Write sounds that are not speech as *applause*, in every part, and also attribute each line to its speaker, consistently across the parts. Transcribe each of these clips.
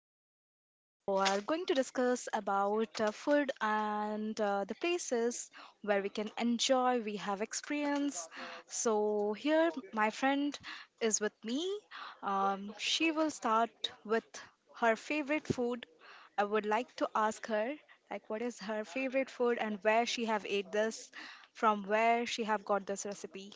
Speaker 1: friends who are going to discuss about food and the places where we can enjoy, we have experience. So, here my friend is with me. She will start with her favorite food. I would like to ask her like what is her favorite food and where she have ate this from where she have got this recipe.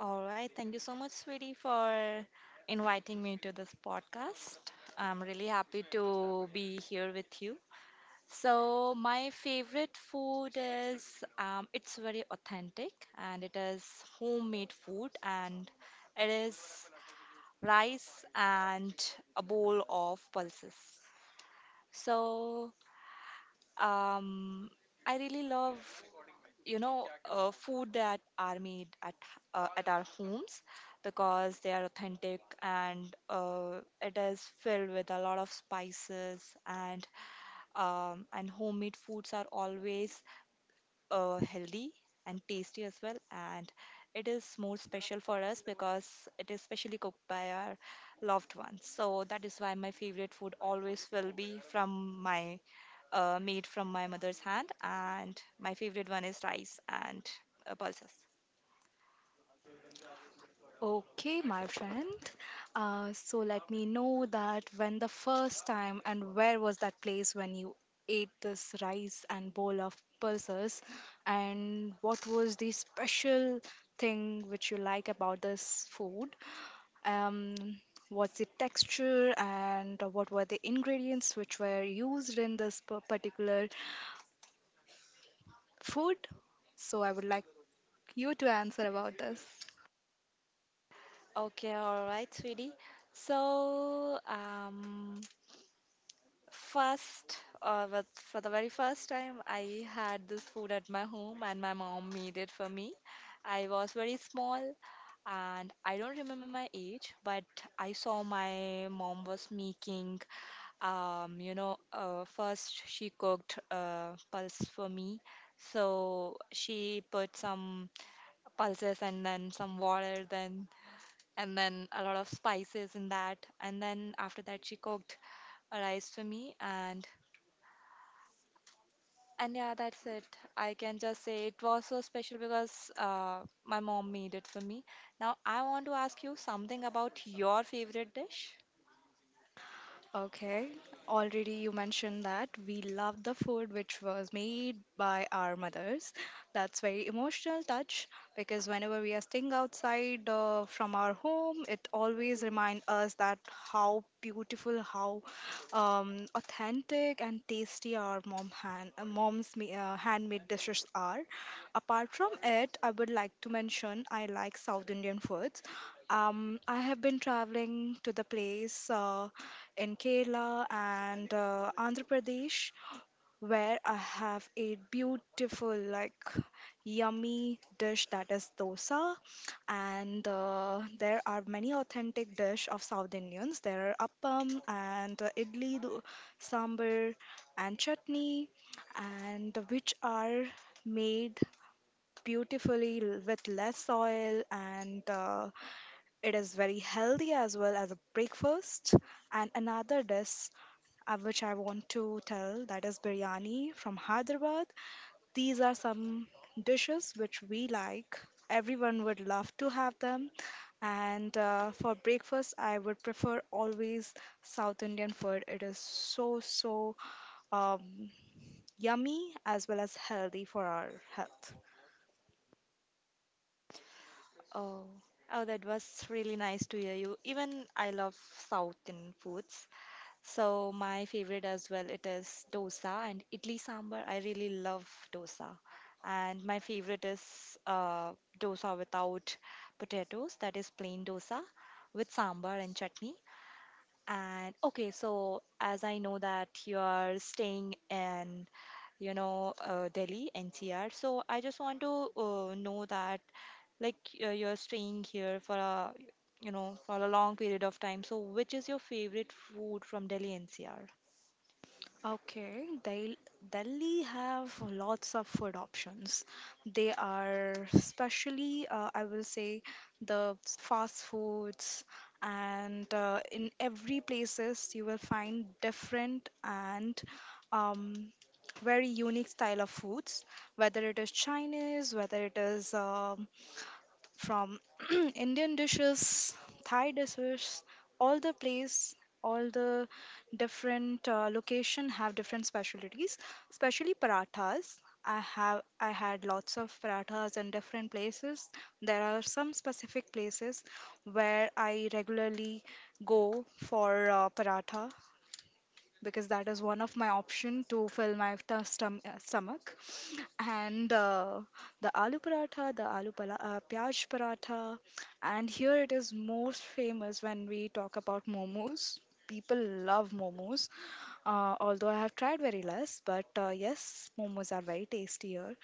Speaker 2: All right. Thank you so much, sweetie, for inviting me to this podcast. I'm really happy to be here with you. So, my favorite food is it's very authentic and it is homemade food and it is rice and a bowl of pulses. So, um, I really love food that are made at our homes because they are authentic and it is filled with a lot of spices and homemade foods are always healthy and tasty as well. And it is more special for us because it is specially cooked by our loved ones. So that is why my favorite food always will be from my made from my mother's hand. And my favorite one is rice and pulses.
Speaker 1: Okay, my friend. So let me know that when the first time and where was that place when you ate this rice and bowl of pulses, and what was the special thing which you like about this food? Um, what's the texture and what were the ingredients which were used in this particular food? So I would like you to answer about this.
Speaker 2: Okay, all right, sweetie. So, um, First, for the very first time, I had this food at my home and my mom made it for me. I was very small and I don't remember my age, but I saw my mom was making, first she cooked pulse for me. So she put some pulses and then some water, then a lot of spices in that. And then after that, she cooked a rice for me. And yeah, that's it. I can just say it was so special because my mom made it for me. Now, I want to ask you something about your favorite dish.
Speaker 1: Okay, already you mentioned that we love the food which was made by our mothers. That's very emotional touch because whenever we are staying outside from our home, it always reminds us that how beautiful, how authentic and tasty our mom hand, mom's ma- handmade dishes are. Apart from it, I would like to mention I like South Indian foods. I have been traveling to the place. In Kerala and Andhra Pradesh, where I have a beautiful, like, yummy dish that is dosa. And there are many authentic dish of South Indians. There are appam and idli, sambar, and chutney, and which are made beautifully with less oil and it is very healthy as well as a breakfast and another dish which I want to tell that is biryani from Hyderabad. These are some dishes which we like. Everyone would love to have them. And for breakfast, I would prefer always South Indian food. It is so, so um, yummy as well as healthy for our health.
Speaker 2: Oh, oh, that was really nice to hear you. Even I love Southern foods. So, my favorite as well, it is dosa and idli sambar. I really love dosa. And my favorite is dosa without potatoes, that is plain dosa with sambar and chutney. And okay, so as I know that you are staying in, Delhi, NCR, so I just want to know that, like, you're staying here for a, for a long period of time. So, which is your favorite food from Delhi, NCR?
Speaker 1: Okay, Delhi have lots of food options. They are especially, I will say, the fast foods, and in every places you will find different and um, very unique style of foods. Whether it is Chinese, whether it is from *clears throat* Indian dishes, Thai dishes, all the place, all the different location have different specialties. Especially parathas. I had lots of parathas in different places. There are some specific places where I regularly go for paratha because that is one of my option to fill my stomach and the aloo paratha, the aloo pyaj paratha, and here it is most famous when we talk about momos. People love momos, although I have tried very less, but yes, momos are very tasty here.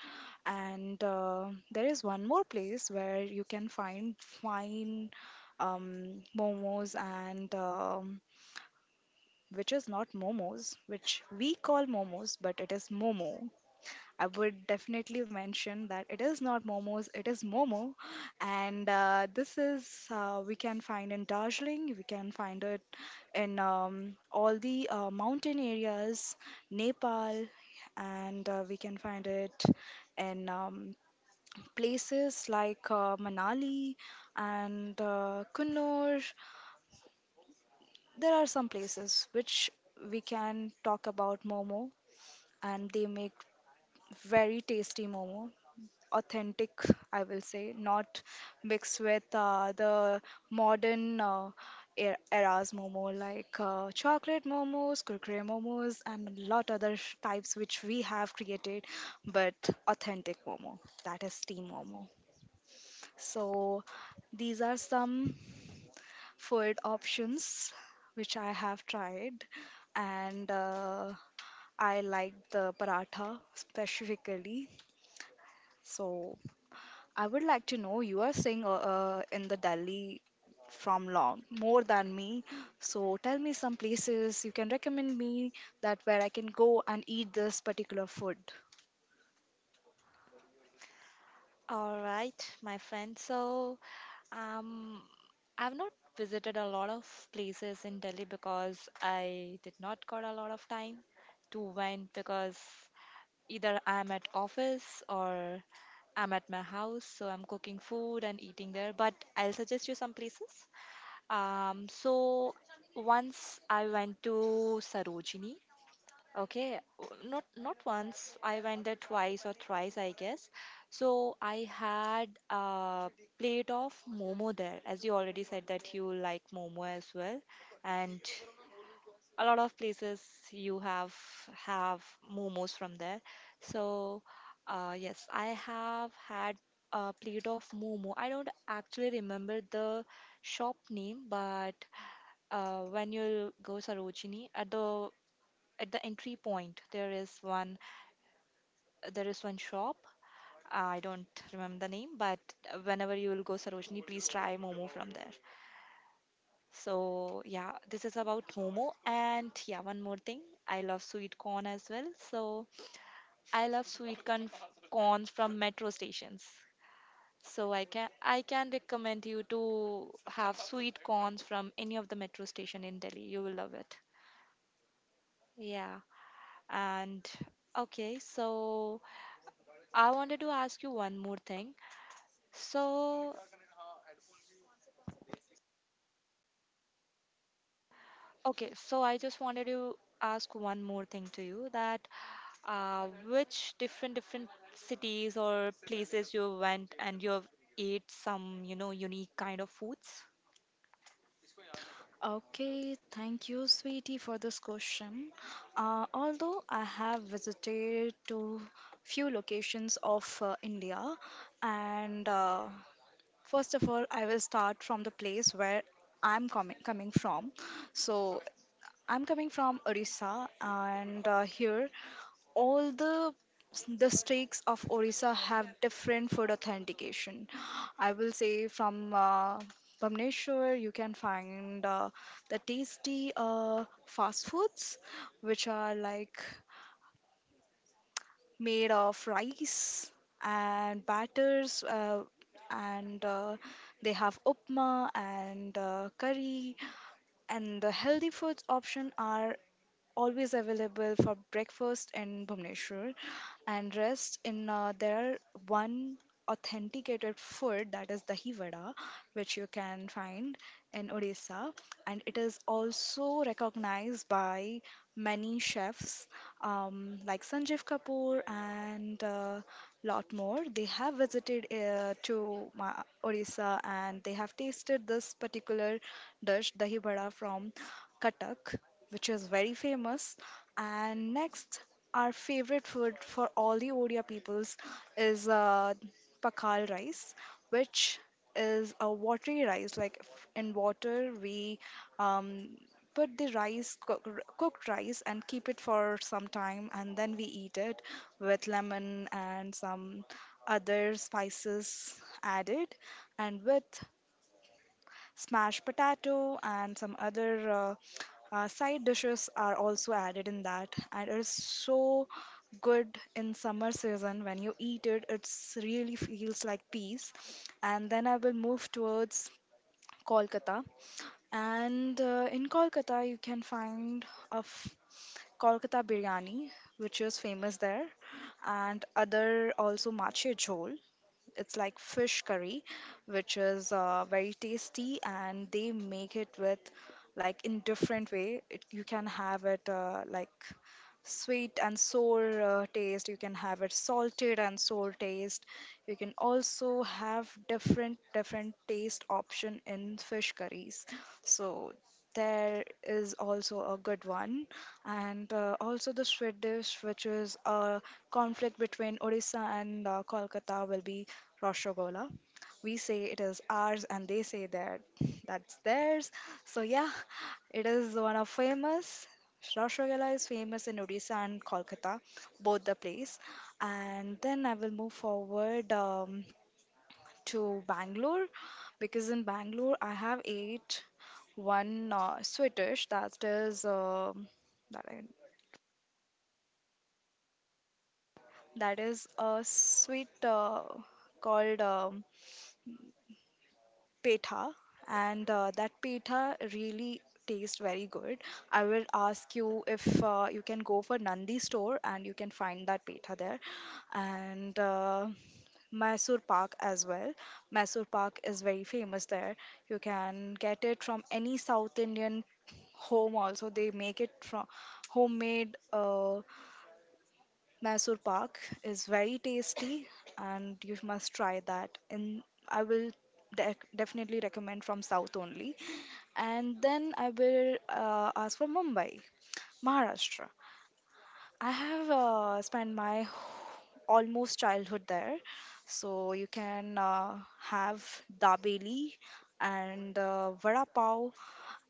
Speaker 1: And there is one more place where you can find fine momos and which is not momos, which we call momos, but it is momo. I would definitely mention that it is not momos, it is momo. And we can find in Darjeeling, we can find it in all the mountain areas, Nepal, and we can find it in places like Manali and Kunur. There are some places which we can talk about momo, and they make very tasty momo authentic, I will say, not mixed with the modern eras momo like chocolate momos, kurkure momos, and a lot other types which we have created, but authentic momo, that is steam momo. So these are some food options which I have tried, and I like the paratha specifically. So I would like to know you are staying in the Delhi from long more than me. So tell me some places you can recommend me that where I can go and eat this particular food.
Speaker 2: All right, my friend. Um, I've not visited a lot of places in Delhi because I did not got a lot of time to went because either I'm at office or I'm at my house, so I'm cooking food and eating there. But I'll suggest you some places. So once I went to Sarojini. Okay, not once. I went there twice or thrice, I guess. So I had a plate of momo there, as you already said that you like momo as well, and a lot of places you have momos from there. So yes, I have had a plate of momo. I don't actually remember the shop name, but when you go Sarojini at the entry point, there is one shop. I don't remember the name, but whenever you will go Sarojini, please try momo from there. So, yeah, this is about Momo. And yeah, one more thing. I love sweet corn as well. So, I love sweet corn from metro stations. So, I can recommend you to have sweet corns from any of the metro station in Delhi. You will love it. Yeah. And okay, so I wanted to ask you one more thing. So, okay, so I just wanted to ask one more thing to you that which different cities or places you went and you've ate some, unique kind of foods?
Speaker 1: Okay, thank you, sweetie, for this question. Although I have visited to few locations of India, and first of all, I will start from the place where I'm coming from. So I'm coming from Orissa, and here all the streaks of Orissa have different food authentication. I will say from Bamneshwar, you can find the tasty fast foods, which are like made of rice and batters, and they have upma and curry. And the healthy foods option are always available for breakfast in Bhubaneswar and rest in there are one authenticated food that is dahi vada which you can find in Odisha and it is also recognized by many chefs like Sanjeev Kapoor and a lot more they have visited to Odisha and they have tasted this particular dish dahi vada from Katak which is very famous. And next, our favorite food for all the Odia peoples is pakal rice, which is a watery rice. Like in water, we um, put the rice, cooked rice, and keep it for some time, and then we eat it with lemon and some other spices added, and with smashed potato and some other side dishes are also added in that, and it is so good in summer season when you eat it. It really feels like peace. And then I will move towards Kolkata, and in Kolkata you can find a Kolkata biryani, which is famous there, and other also mache jhol. It's like fish curry, which is very tasty, and they make it with like in different way. You can have it like sweet and sour taste. You can have it salted and sour taste. You can also have different different taste option in fish curries, so there is also a good one. And also the sweet dish which is a conflict between Odisha and Kolkata will be Roshogola. We say it is ours and they say that that's theirs, so yeah, it is one of famous. Rasragala is famous in Odisha and Kolkata, both the place. And then I will move forward to Bangalore because in Bangalore I have ate one sweet dish that, I, that is a sweet called petha, and that petha really tastes very good. I will ask you if you can go for Nandi store and you can find that petha there and. Mysore Pak as well. Mysore Pak is very famous there. You can get it from any South Indian home also. They make it from homemade Mysore Park is very tasty and you must try that. And I will definitely recommend from South only. And then I will ask for Mumbai, Maharashtra. I have spent my almost childhood there. So you can have dabeli and vada pav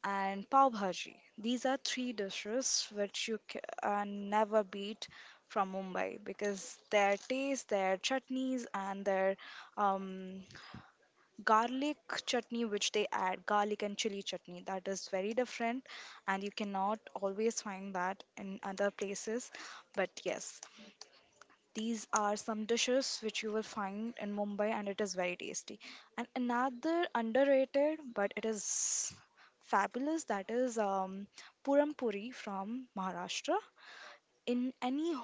Speaker 1: and pav bhaji. These are three dishes which you can never beat from Mumbai because their taste, their chutneys, and their um, garlic chutney which they add, garlic and chili chutney, that is very different, and you cannot always find that in other places. But yes, these are some dishes which you will find in Mumbai and it is very tasty. And another underrated but it is fabulous that is Puram Puri from Maharashtra. In any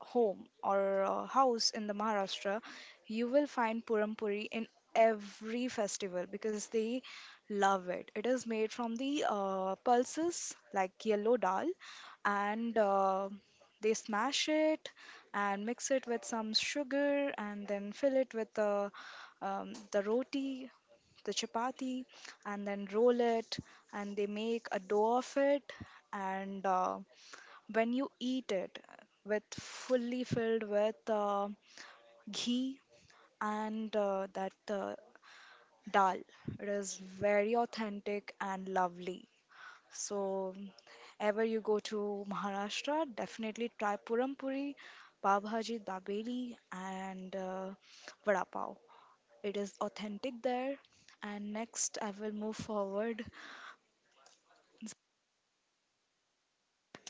Speaker 1: home or a house in the Maharashtra, you will find Puram Puri in every festival because they love it. It is made from the pulses like yellow dal and they smash it and mix it with some sugar and then fill it with the roti, the chapati, and then roll it and they make a dough of it and when you eat it with fully filled with ghee and that dal, it is very authentic and lovely. So ever you go to Maharashtra, definitely try Puram Puri, pav bhaji, dabeli, and vada pav. It is authentic there. And next I will move forward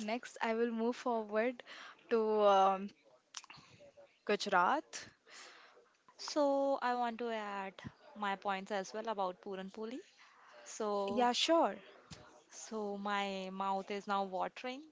Speaker 1: next i will move forward to um, Gujarat.
Speaker 2: So I want to add my points as well about Puran Poli. So
Speaker 1: Yeah, sure.
Speaker 2: so my mouth is now watering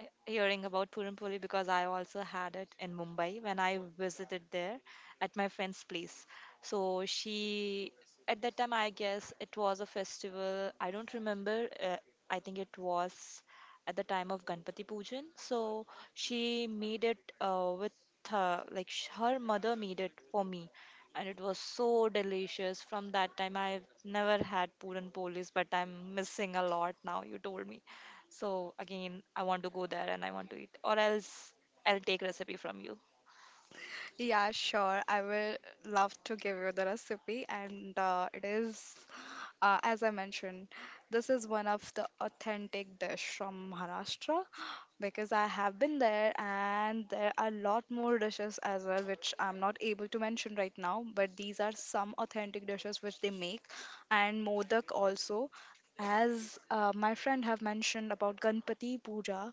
Speaker 2: hearing about Purim Poli because I also had it in Mumbai when I visited there at my friend's place. So she, at that time, I guess it was a festival. I don't remember. I think it was at the time of Ganpati Pujan. So she made it with her, like her mother made it for me and it was so delicious. From that time, I've never had Puran Polis, but I'm missing a lot now. You told me, so again, I want to go there and I want to eat, or else I'll take recipe from you.
Speaker 1: Yeah, sure. I will love to give you the recipe. And it is, as I mentioned, this is one of the authentic dish from Maharashtra because I have been there and there are a lot more dishes as well, which I'm not able to mention right now. But these are some authentic dishes which they make. And Modak also. As my friend have mentioned about Ganpati Puja,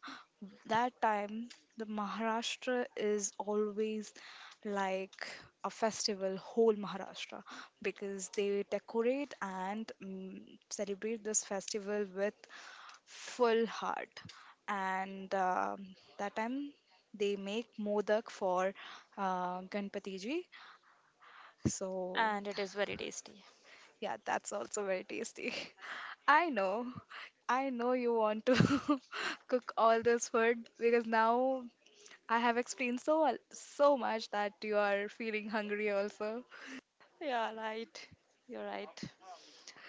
Speaker 1: that time the Maharashtra is always like a festival whole Maharashtra because they decorate and celebrate this festival with full heart. And that time they make modak for Ganpati Ji. So
Speaker 2: And it is very tasty.
Speaker 1: yeah, that's also very tasty. *laughs* I know, I know you want to *laughs* cook all this food because now I have explained so so much that you are feeling hungry also.
Speaker 2: Yeah, right. You're right.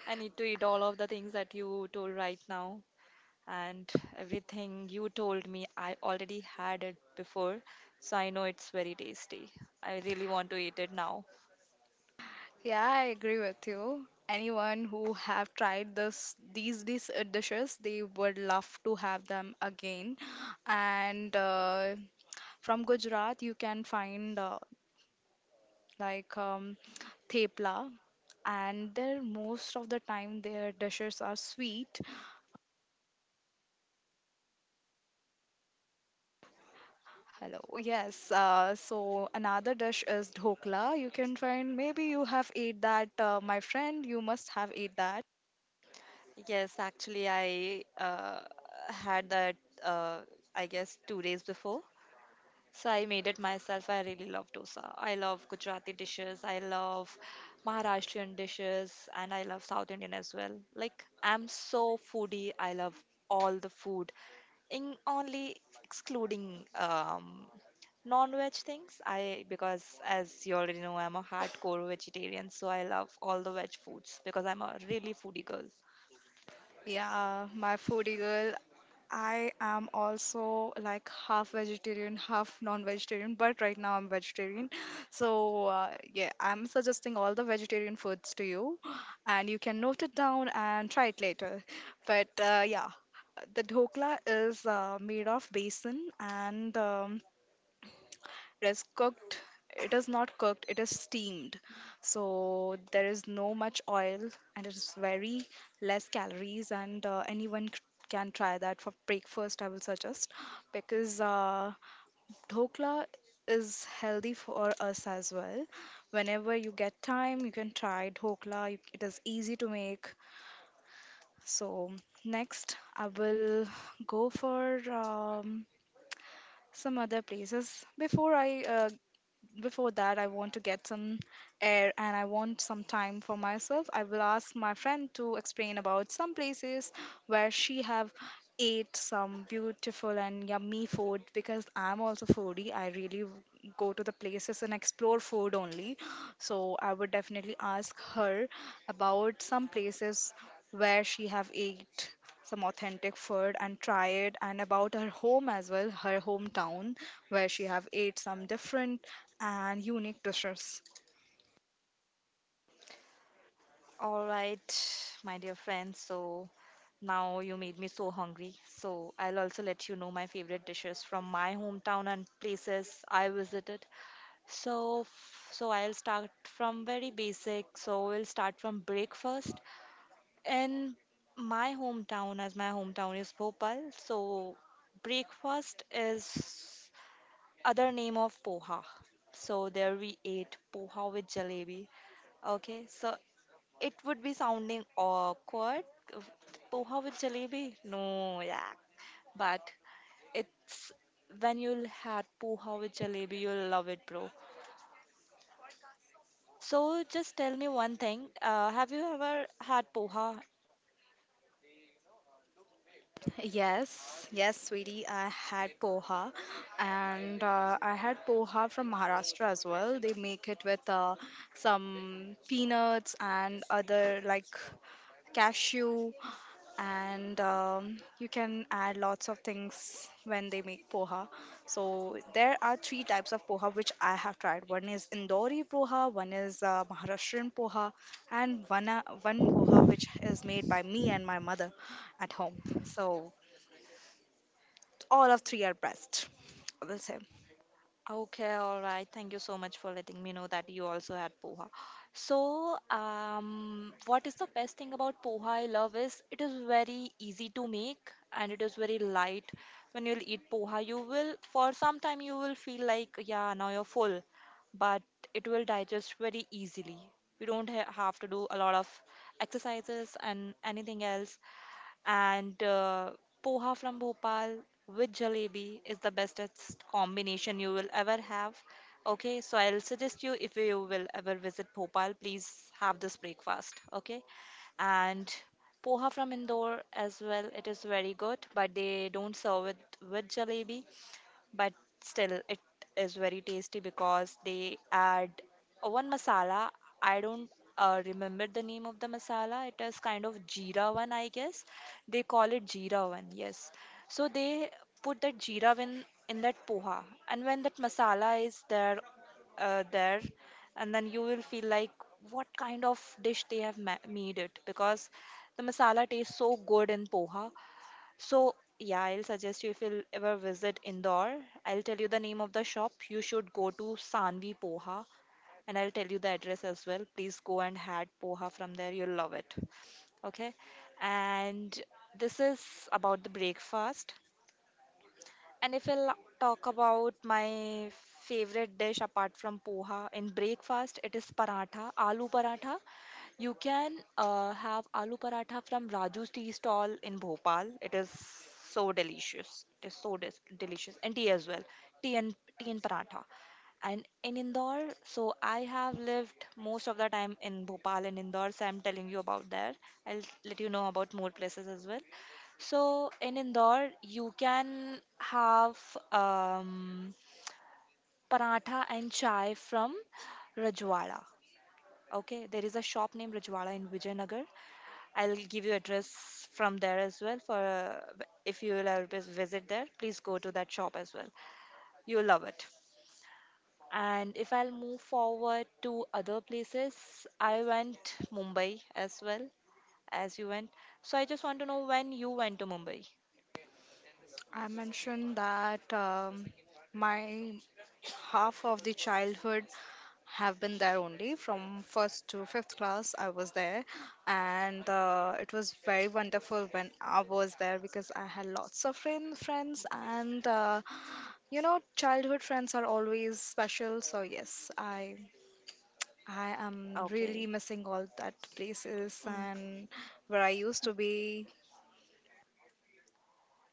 Speaker 2: I need to eat all of the things that you told right now. And everything you told me, I already had it before. So I know it's very tasty. I really want to eat it now.
Speaker 1: Yeah, I agree with you. Anyone who have tried this these dishes, they would love to have them again. And from Gujarat, you can find like thepla, and their most of the time their dishes are sweet. Hello. Yes. So another dish is dhokla. You can try, and maybe you have ate that, my friend. You must have ate that.
Speaker 2: Yes, actually, I had that, uh, I guess, two days before. So I made it myself. I really love dosa. I love Gujarati dishes. I love Maharashtrian dishes. And I love South Indian as well. Like, I'm so foodie. I love all the food, in only excluding non-veg things. I, because as you already know, I'm a hardcore vegetarian. So I love all the veg foods because I'm a really foodie girl.
Speaker 1: Yeah, my foodie girl. I am also like half vegetarian, half non-vegetarian, but right now I'm vegetarian. So yeah, I'm suggesting all the vegetarian foods to you, and you can note it down and try it later. But yeah, the dhokla is made of besan, and it is cooked it is not cooked, it is steamed, so there is no much oil, and it is very less calories, and anyone can try that for breakfast, I will suggest, because dhokla is healthy for us as well. Whenever you get time, you can try dhokla. It is easy to make. So next, I will go for some other places before I before that, I want to get some air, and I want some time for myself. I will ask my friend to explain about some places where she have ate some beautiful and yummy food, because I'm also foodie. I really go to the places and explore food only. So I would definitely ask her about some places where she have ate some authentic food and try it, and about her home as well, her hometown where she have ate some different and unique dishes.
Speaker 2: All right, my dear friends. So now you made me so hungry. So I'll also let you know my favorite dishes from my hometown and places I visited. So so I'll start from very basic. So we'll start from breakfast. In my hometown, as my hometown is Bhopal, so breakfast is other name of poha. So there we ate poha with jalebi. Okay, so it would be sounding awkward. Poha with jalebi? No, yeah. But it's when you'll had poha with jalebi, you'll love it, bro. So just tell me one thing. Have you ever had poha?
Speaker 1: Yes, yes, sweetie. I had poha, and I had poha from Maharashtra as well. They make it with some peanuts and other like cashew, and you can add lots of things when they make poha. So there are three types of poha which I have tried. One is Indori poha, one is Maharashtrian poha, and one poha which is made by me and my mother at home. So all of three are best, I will say.
Speaker 2: Okay, all right. Thank you so much for letting me know that you also had poha. What is the best thing about poha I love is it is very easy to make and it is very light. When you'll eat poha, you will, for some time, you will feel like, yeah, now you're full, but it will digest very easily. You don't ha have to do a lot of exercises and anything else and poha from Bhopal with jalebi is the bestest combination you will ever have. Okay, so I'll suggest you if you will ever visit Bhopal, please have this breakfast. Okay, and poha from Indore as well. It is very good, but they don't serve it with jalebi, but still it is very tasty because they add one masala. I don't remember the name of the masala. It is kind of jeera one, I guess. They call it jeera one, yes. So they put that jeera in that poha, and when that masala is there and then you will feel like what kind of dish they have made it, because the masala tastes so good in poha. So, yeah, I'll suggest you if you'll ever visit Indore, I'll tell you the name of the shop. You should go to Sanvi Poha and I'll tell you the address as well. Please go and had poha from there. You'll love it. Okay. And this is about the breakfast. And if I'll talk about my favorite dish apart from poha in breakfast, it is paratha, aloo paratha. You can have aloo paratha from Raju's tea stall in Bhopal. It is so delicious. It is so delicious, and tea as well. Tea and paratha. And in Indore, so I have lived most of the time in Bhopal and Indore, so I'm telling you about there. I'll let you know about more places as well. So in Indore, you can have um, paratha and chai from Rajwada. Okay, there is a shop named Rajwada in Vijaynagar. I'll give you address from there as well for if you will ever visit there, please go to that shop as well. You'll love it. And if I'll move forward to other places, I went Mumbai as well as you went. So I just want to know when you went to Mumbai.
Speaker 1: I mentioned that my half of the childhood have been there only. From first to fifth class I was there, and it was very wonderful when I was there, because I had lots of friends and you know childhood friends are always special. So yes, I am really
Speaker 2: Okay.
Speaker 1: missing all that places
Speaker 2: Hmm.
Speaker 1: and where I used to be.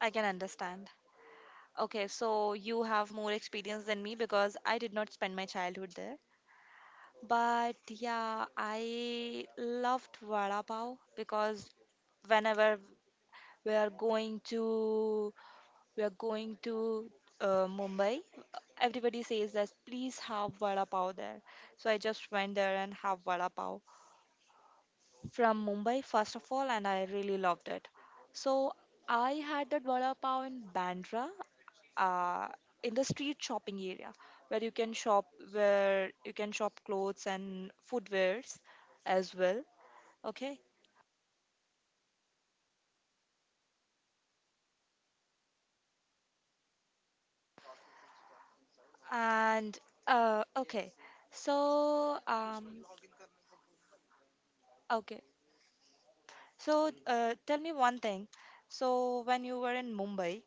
Speaker 2: I can understand. Okay, so you have more experience than me because I did not spend my childhood there. But yeah, I loved vada pav because whenever we are going to we are going to Mumbai, everybody says that please have vada pav there. So I just went there and have vada pav from Mumbai first of all, and I really loved it. So I had that vada pav in Bandra, uh, in the street shopping area where you can shop where you can shop clothes and footwears as well. Okay and okay so okay so tell me one thing. So when you were in Mumbai,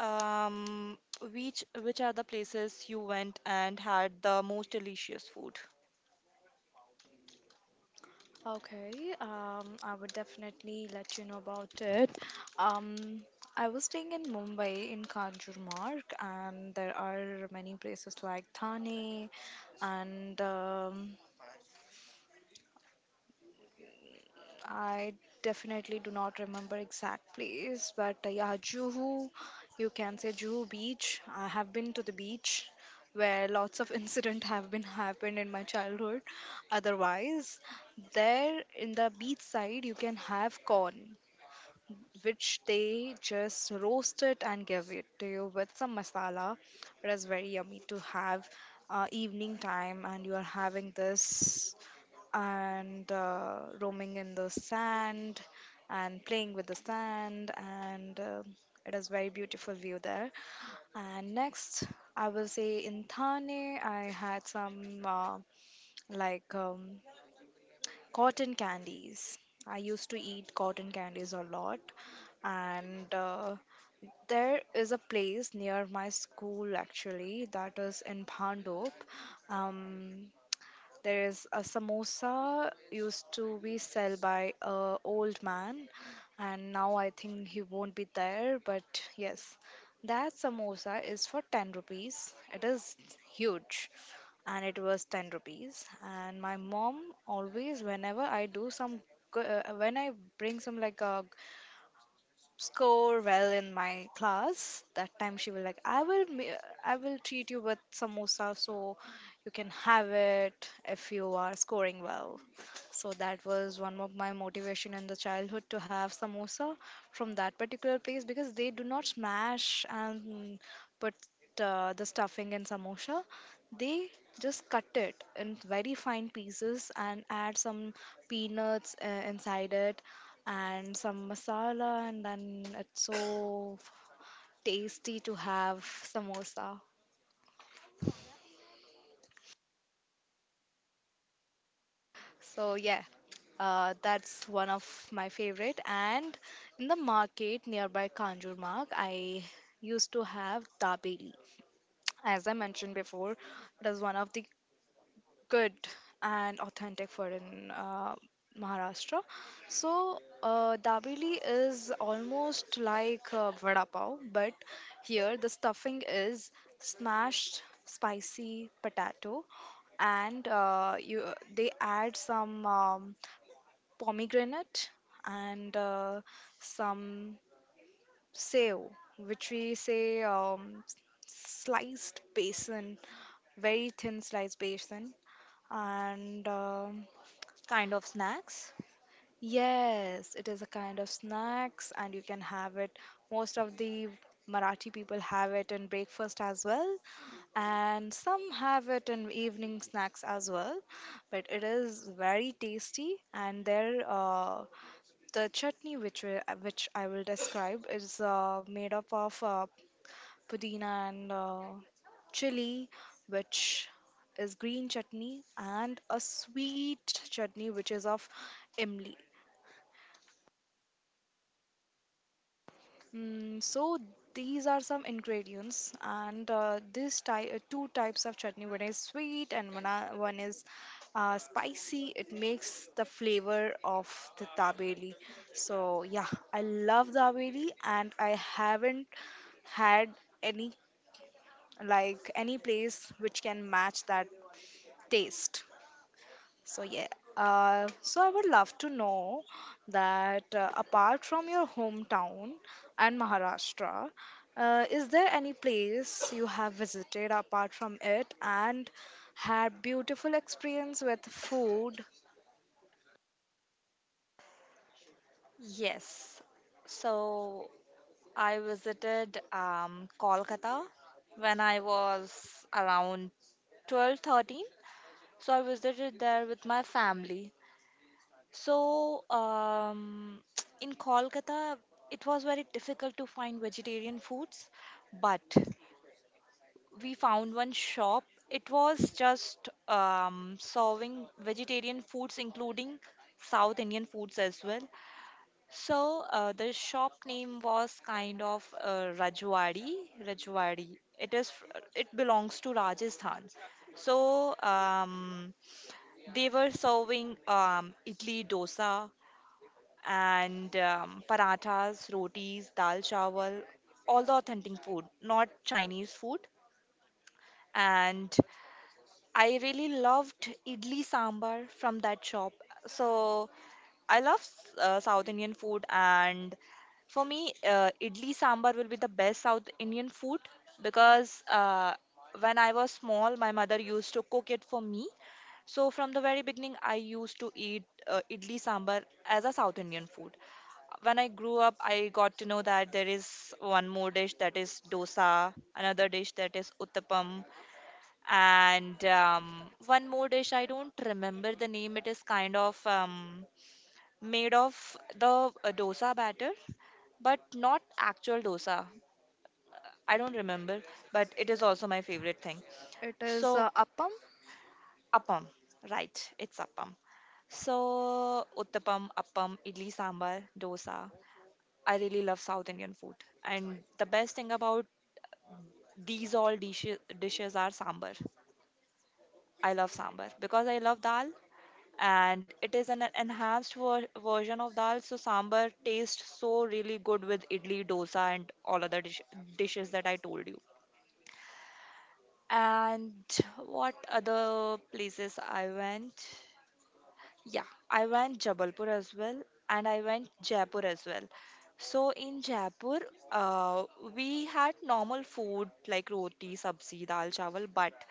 Speaker 2: um which are the places you went and had the most delicious food?
Speaker 1: Okay, I would definitely let you know about it. Um, I was staying in Mumbai in Kanjurmarg, and there are many places like Thane, and I definitely do not remember exact place, but yeah, Juhu, you can say Juhu Beach. I have been to the beach where lots of *laughs* incident have been happened in my childhood. Otherwise, there in the beach side, you can have corn, which they just roast it and give it to you with some masala. It is very yummy to have evening time, and you are having this, and roaming in the sand and playing with the sand, and it is very beautiful view there. And next, I will say in Thane, I had some like cotton candies. I used to eat cotton candies a lot, and there is a place near my school, actually, that is in Bhandop. Um, there is a samosa used to be sell by a old man, and now I think he won't be there. But yes, that samosa is for 10 rupees. It is huge, and it was 10 rupees. And my mom always, whenever I do some, when I bring some like a score well in my class, that time she will like, I will treat you with samosa, so you can have it if you are scoring well. So that was one of my motivation in the childhood, to have samosa from that particular place, because they do not smash and put the stuffing in samosa. They just cut it in very fine pieces and add some peanuts inside it, and some masala, and then it's so tasty to have samosa. So yeah, that's one of my favorite. And in the market nearby Kanjur Mark, I used to have dabeli. As I mentioned before, it is one of the good and authentic food in Maharashtra. So, dabeli is almost like vada pav, but here the stuffing is smashed spicy potato, and you they add some pomegranate, and some sev, which we say sliced basin, very thin sliced basin, and.
Speaker 2: Kind of snacks.
Speaker 1: Yes, it is a kind of snacks, and you can have it. Most of the Marathi people have it in breakfast as well, and some have it in evening snacks as well. But it is very tasty, and their the chutney, which which I will describe, is made up of pudina and chili, which is green chutney, and a sweet chutney which is of imli. So these are some ingredients, and this two types of chutney. One is sweet, and one is spicy. It makes the flavor of the dabeli. So yeah, I love dabeli, and I haven't had any like any place which can match that taste. So yeah, so I would love to know that, apart from your hometown and Maharashtra, is there any place you have visited apart from it and had beautiful experience with food?
Speaker 2: Yes, so I visited Kolkata when I was around 12, 13. So I visited there with my family. So *tsk* in Kolkata, it was very difficult to find vegetarian foods, but we found one shop. It was just serving vegetarian foods, including South Indian foods as well. So the shop name was kind of Rajwadi. Rajwadi. It belongs to Rajasthan. So um, they were serving idli dosa and parathas, rotis, dal chawal, all the authentic food, not Chinese food. And I really loved idli sambar from that shop. So I love South Indian food, and for me, idli sambar will be the best South Indian food because when I was small, my mother used to cook it for me. So from the very beginning, I used to eat idli sambar as a South Indian food. When I grew up, I got to know that there is one more dish that is dosa, another dish that is uttapam, and one more dish I don't remember the name. It is kind of made of the dosa batter, but not actual dosa. I don't remember, but it is also my favorite thing.
Speaker 1: It is
Speaker 2: So,
Speaker 1: Appam.
Speaker 2: appam, right? It's appam. So, uttapam, appam, idli sambar, dosa. I really love South Indian food, and the best thing about these all dishes are sambar. I love sambar because I love dal, and it is an enhanced version of dal, so sambar tastes so really good with idli dosa and all other dishes that I told you. And what other places I went? Yeah, I went Jabalpur as well, and I went Jaipur as well. So in Jaipur, uh, we had normal food like roti sabzi dal chawal, but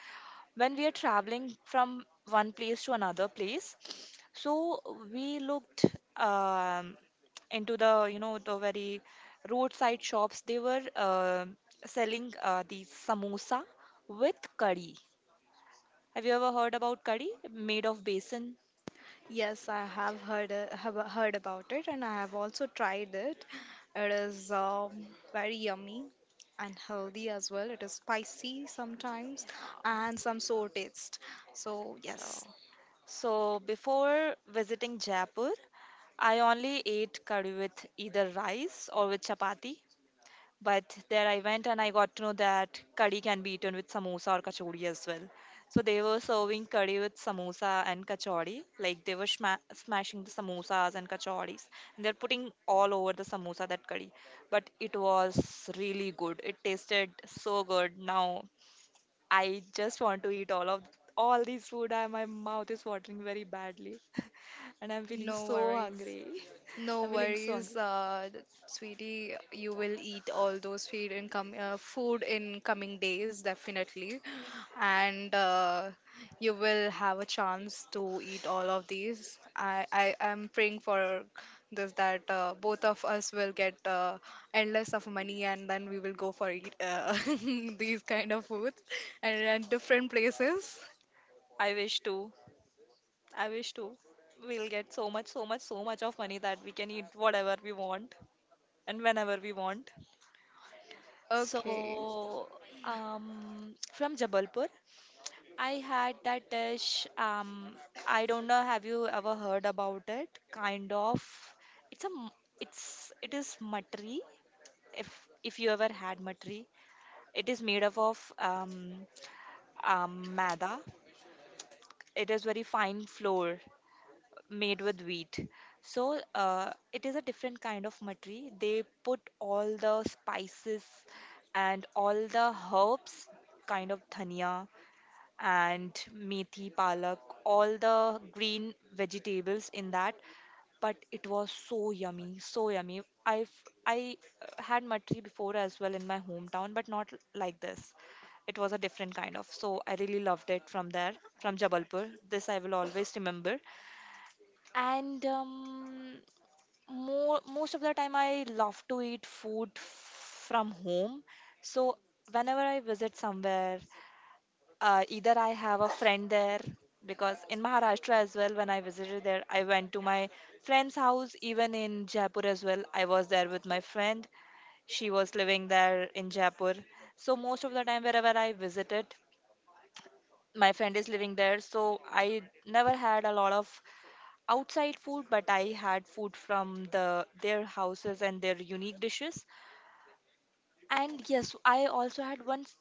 Speaker 2: when we are traveling from one place to another place, so we looked, um, into the, you know, the very roadside shops. They were selling these samosa with curry. Have you ever heard about curry made of basin?
Speaker 1: Yes, I have heard about it, and I have also tried it. It is very yummy and healthy as well. It is spicy sometimes,
Speaker 2: Uh,
Speaker 1: and some sour taste. So
Speaker 2: so
Speaker 1: yes,
Speaker 2: so before visiting Jaipur, I only ate curry with either rice or with chapati. But there I went and I got to know that curry can be eaten with samosa or kachori as well. So they were serving curry with samosa and kachori. Like they were smashing the samosas and kachoris. And they're putting all over the samosa that curry. But it was really good. It tasted so good. Now I just want to eat all these food. My mouth is watering very badly. *laughs* And I'm feeling
Speaker 1: no
Speaker 2: so
Speaker 1: worries.
Speaker 2: hungry. *laughs*
Speaker 1: No
Speaker 2: I'm feeling so
Speaker 1: worries,
Speaker 2: hungry.
Speaker 1: sweetie. You will eat all those food in food in coming days, definitely, and you will have a chance to eat all of these. I am praying for this, that both of us will get endless of money, and then we will go for eat *laughs* these kind of foods and at different places.
Speaker 2: I wish to. I wish to. We'll get so much, so much, so much of money that we can eat whatever we want and whenever we want.
Speaker 1: Okay.
Speaker 2: So, from Jabalpur, I had that dish. I don't know. Have you ever heard about it? Kind of. It's a. m- It's. It is matri. If if you ever had matri, it is made up of maida. It is very fine flour made with wheat. So it is a different kind of matri. They put all the spices and all the herbs, kind of dhania and methi, palak, all the green vegetables in that. But it was so yummy, so yummy. I had matri before as well in my hometown, but not like this. It was a different kind of. So I really loved it from there, from Jabalpur. This I will always remember. And more Most of the time I love to eat food from home. So whenever I visit somewhere, either I have a friend there, because in Maharashtra as well, when I visited there, I went to my friend's house. Even in Jaipur as well, I was there with my friend. She was living there in Jaipur. So most of the time wherever I visited, my friend is living there, so I never had a lot of outside food, but I had food from the their houses and their unique dishes. And yes, I also had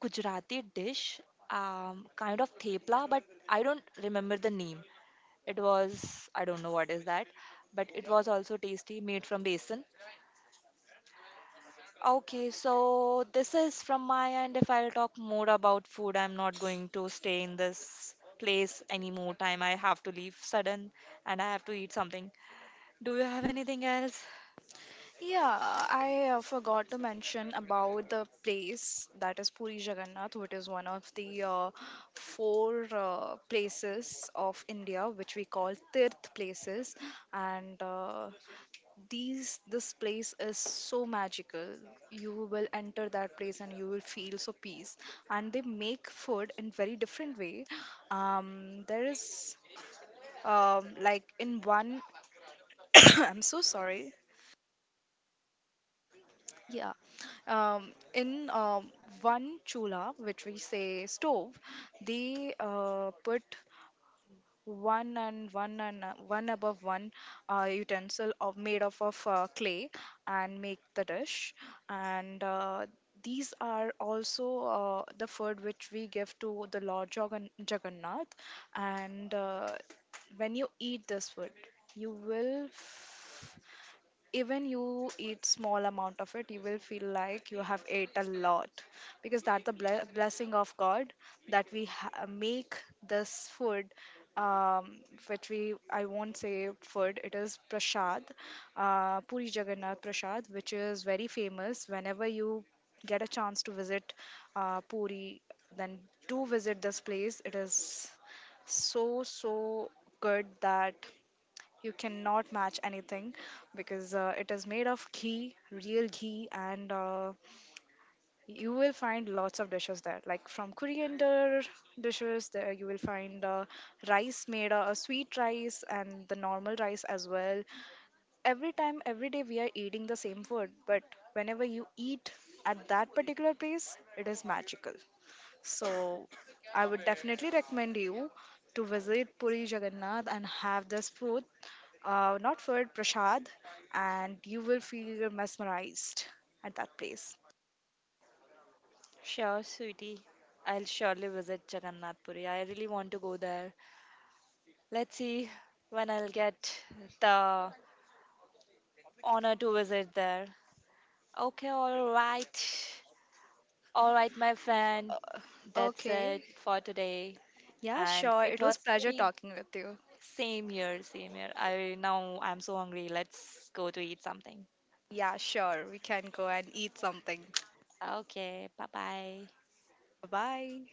Speaker 2: Gujarati dish, kind of thepla, but I don't remember the name. It was, I don't know what is that, but it was also tasty, made from besan. Okay, so this is from my end. If I'll talk more about food, I'm not going to stay in this place any more time. I have to leave sudden, and I have to eat something. Do you have anything else?
Speaker 1: Yeah, I forgot to mention about the place that is Puri Jagannath, which is one of the four places of India, which we call Tirth places. And these this place is so magical. You will enter that place, and you will feel so peace. And they make food in very different way. There is like in one. *coughs* I'm so sorry. Yeah. In one chula, which we say stove, they put one above one utensil of made of clay, and make the dish. And these are also the food which we give to the Lord Jagannath. And when you eat this food, you will, even you eat small amount of it, you will feel like you have ate a lot, because that's the blessing of God, that we make this food, um, which we I won't say food, it is prasad. Puri Jagannath prasad, which is very famous. Whenever you get a chance to visit Puri, then do visit this place. It is so so good that you cannot match anything, because it is made of ghee, real ghee, and you will find lots of dishes there. Like from coriander dishes, there you will find rice made, a sweet rice, and the normal rice as well. Every time, every day, we are eating the same food, but whenever you eat at that particular place, it is magical. So, I would definitely recommend you to visit Puri Jagannath and have this food, not food, prasad, and you will feel mesmerized at that place.
Speaker 2: Sure, sweetie. I'll surely visit Jagannath Puri. I really want to go there. Let's see when I'll get the honor to visit there. Okay, all right. All right, my friend.
Speaker 1: Uh,
Speaker 2: That's it
Speaker 1: okay.
Speaker 2: for today.
Speaker 1: Yeah,
Speaker 2: And
Speaker 1: sure.
Speaker 2: it
Speaker 1: It
Speaker 2: was
Speaker 1: was pleasure
Speaker 2: really
Speaker 1: talking with you.
Speaker 2: same here, same here. I now I'm so hungry. Let's go to eat something.
Speaker 1: Yeah, sure. We can go and eat something.
Speaker 2: Okay, bye bye.
Speaker 1: Bye.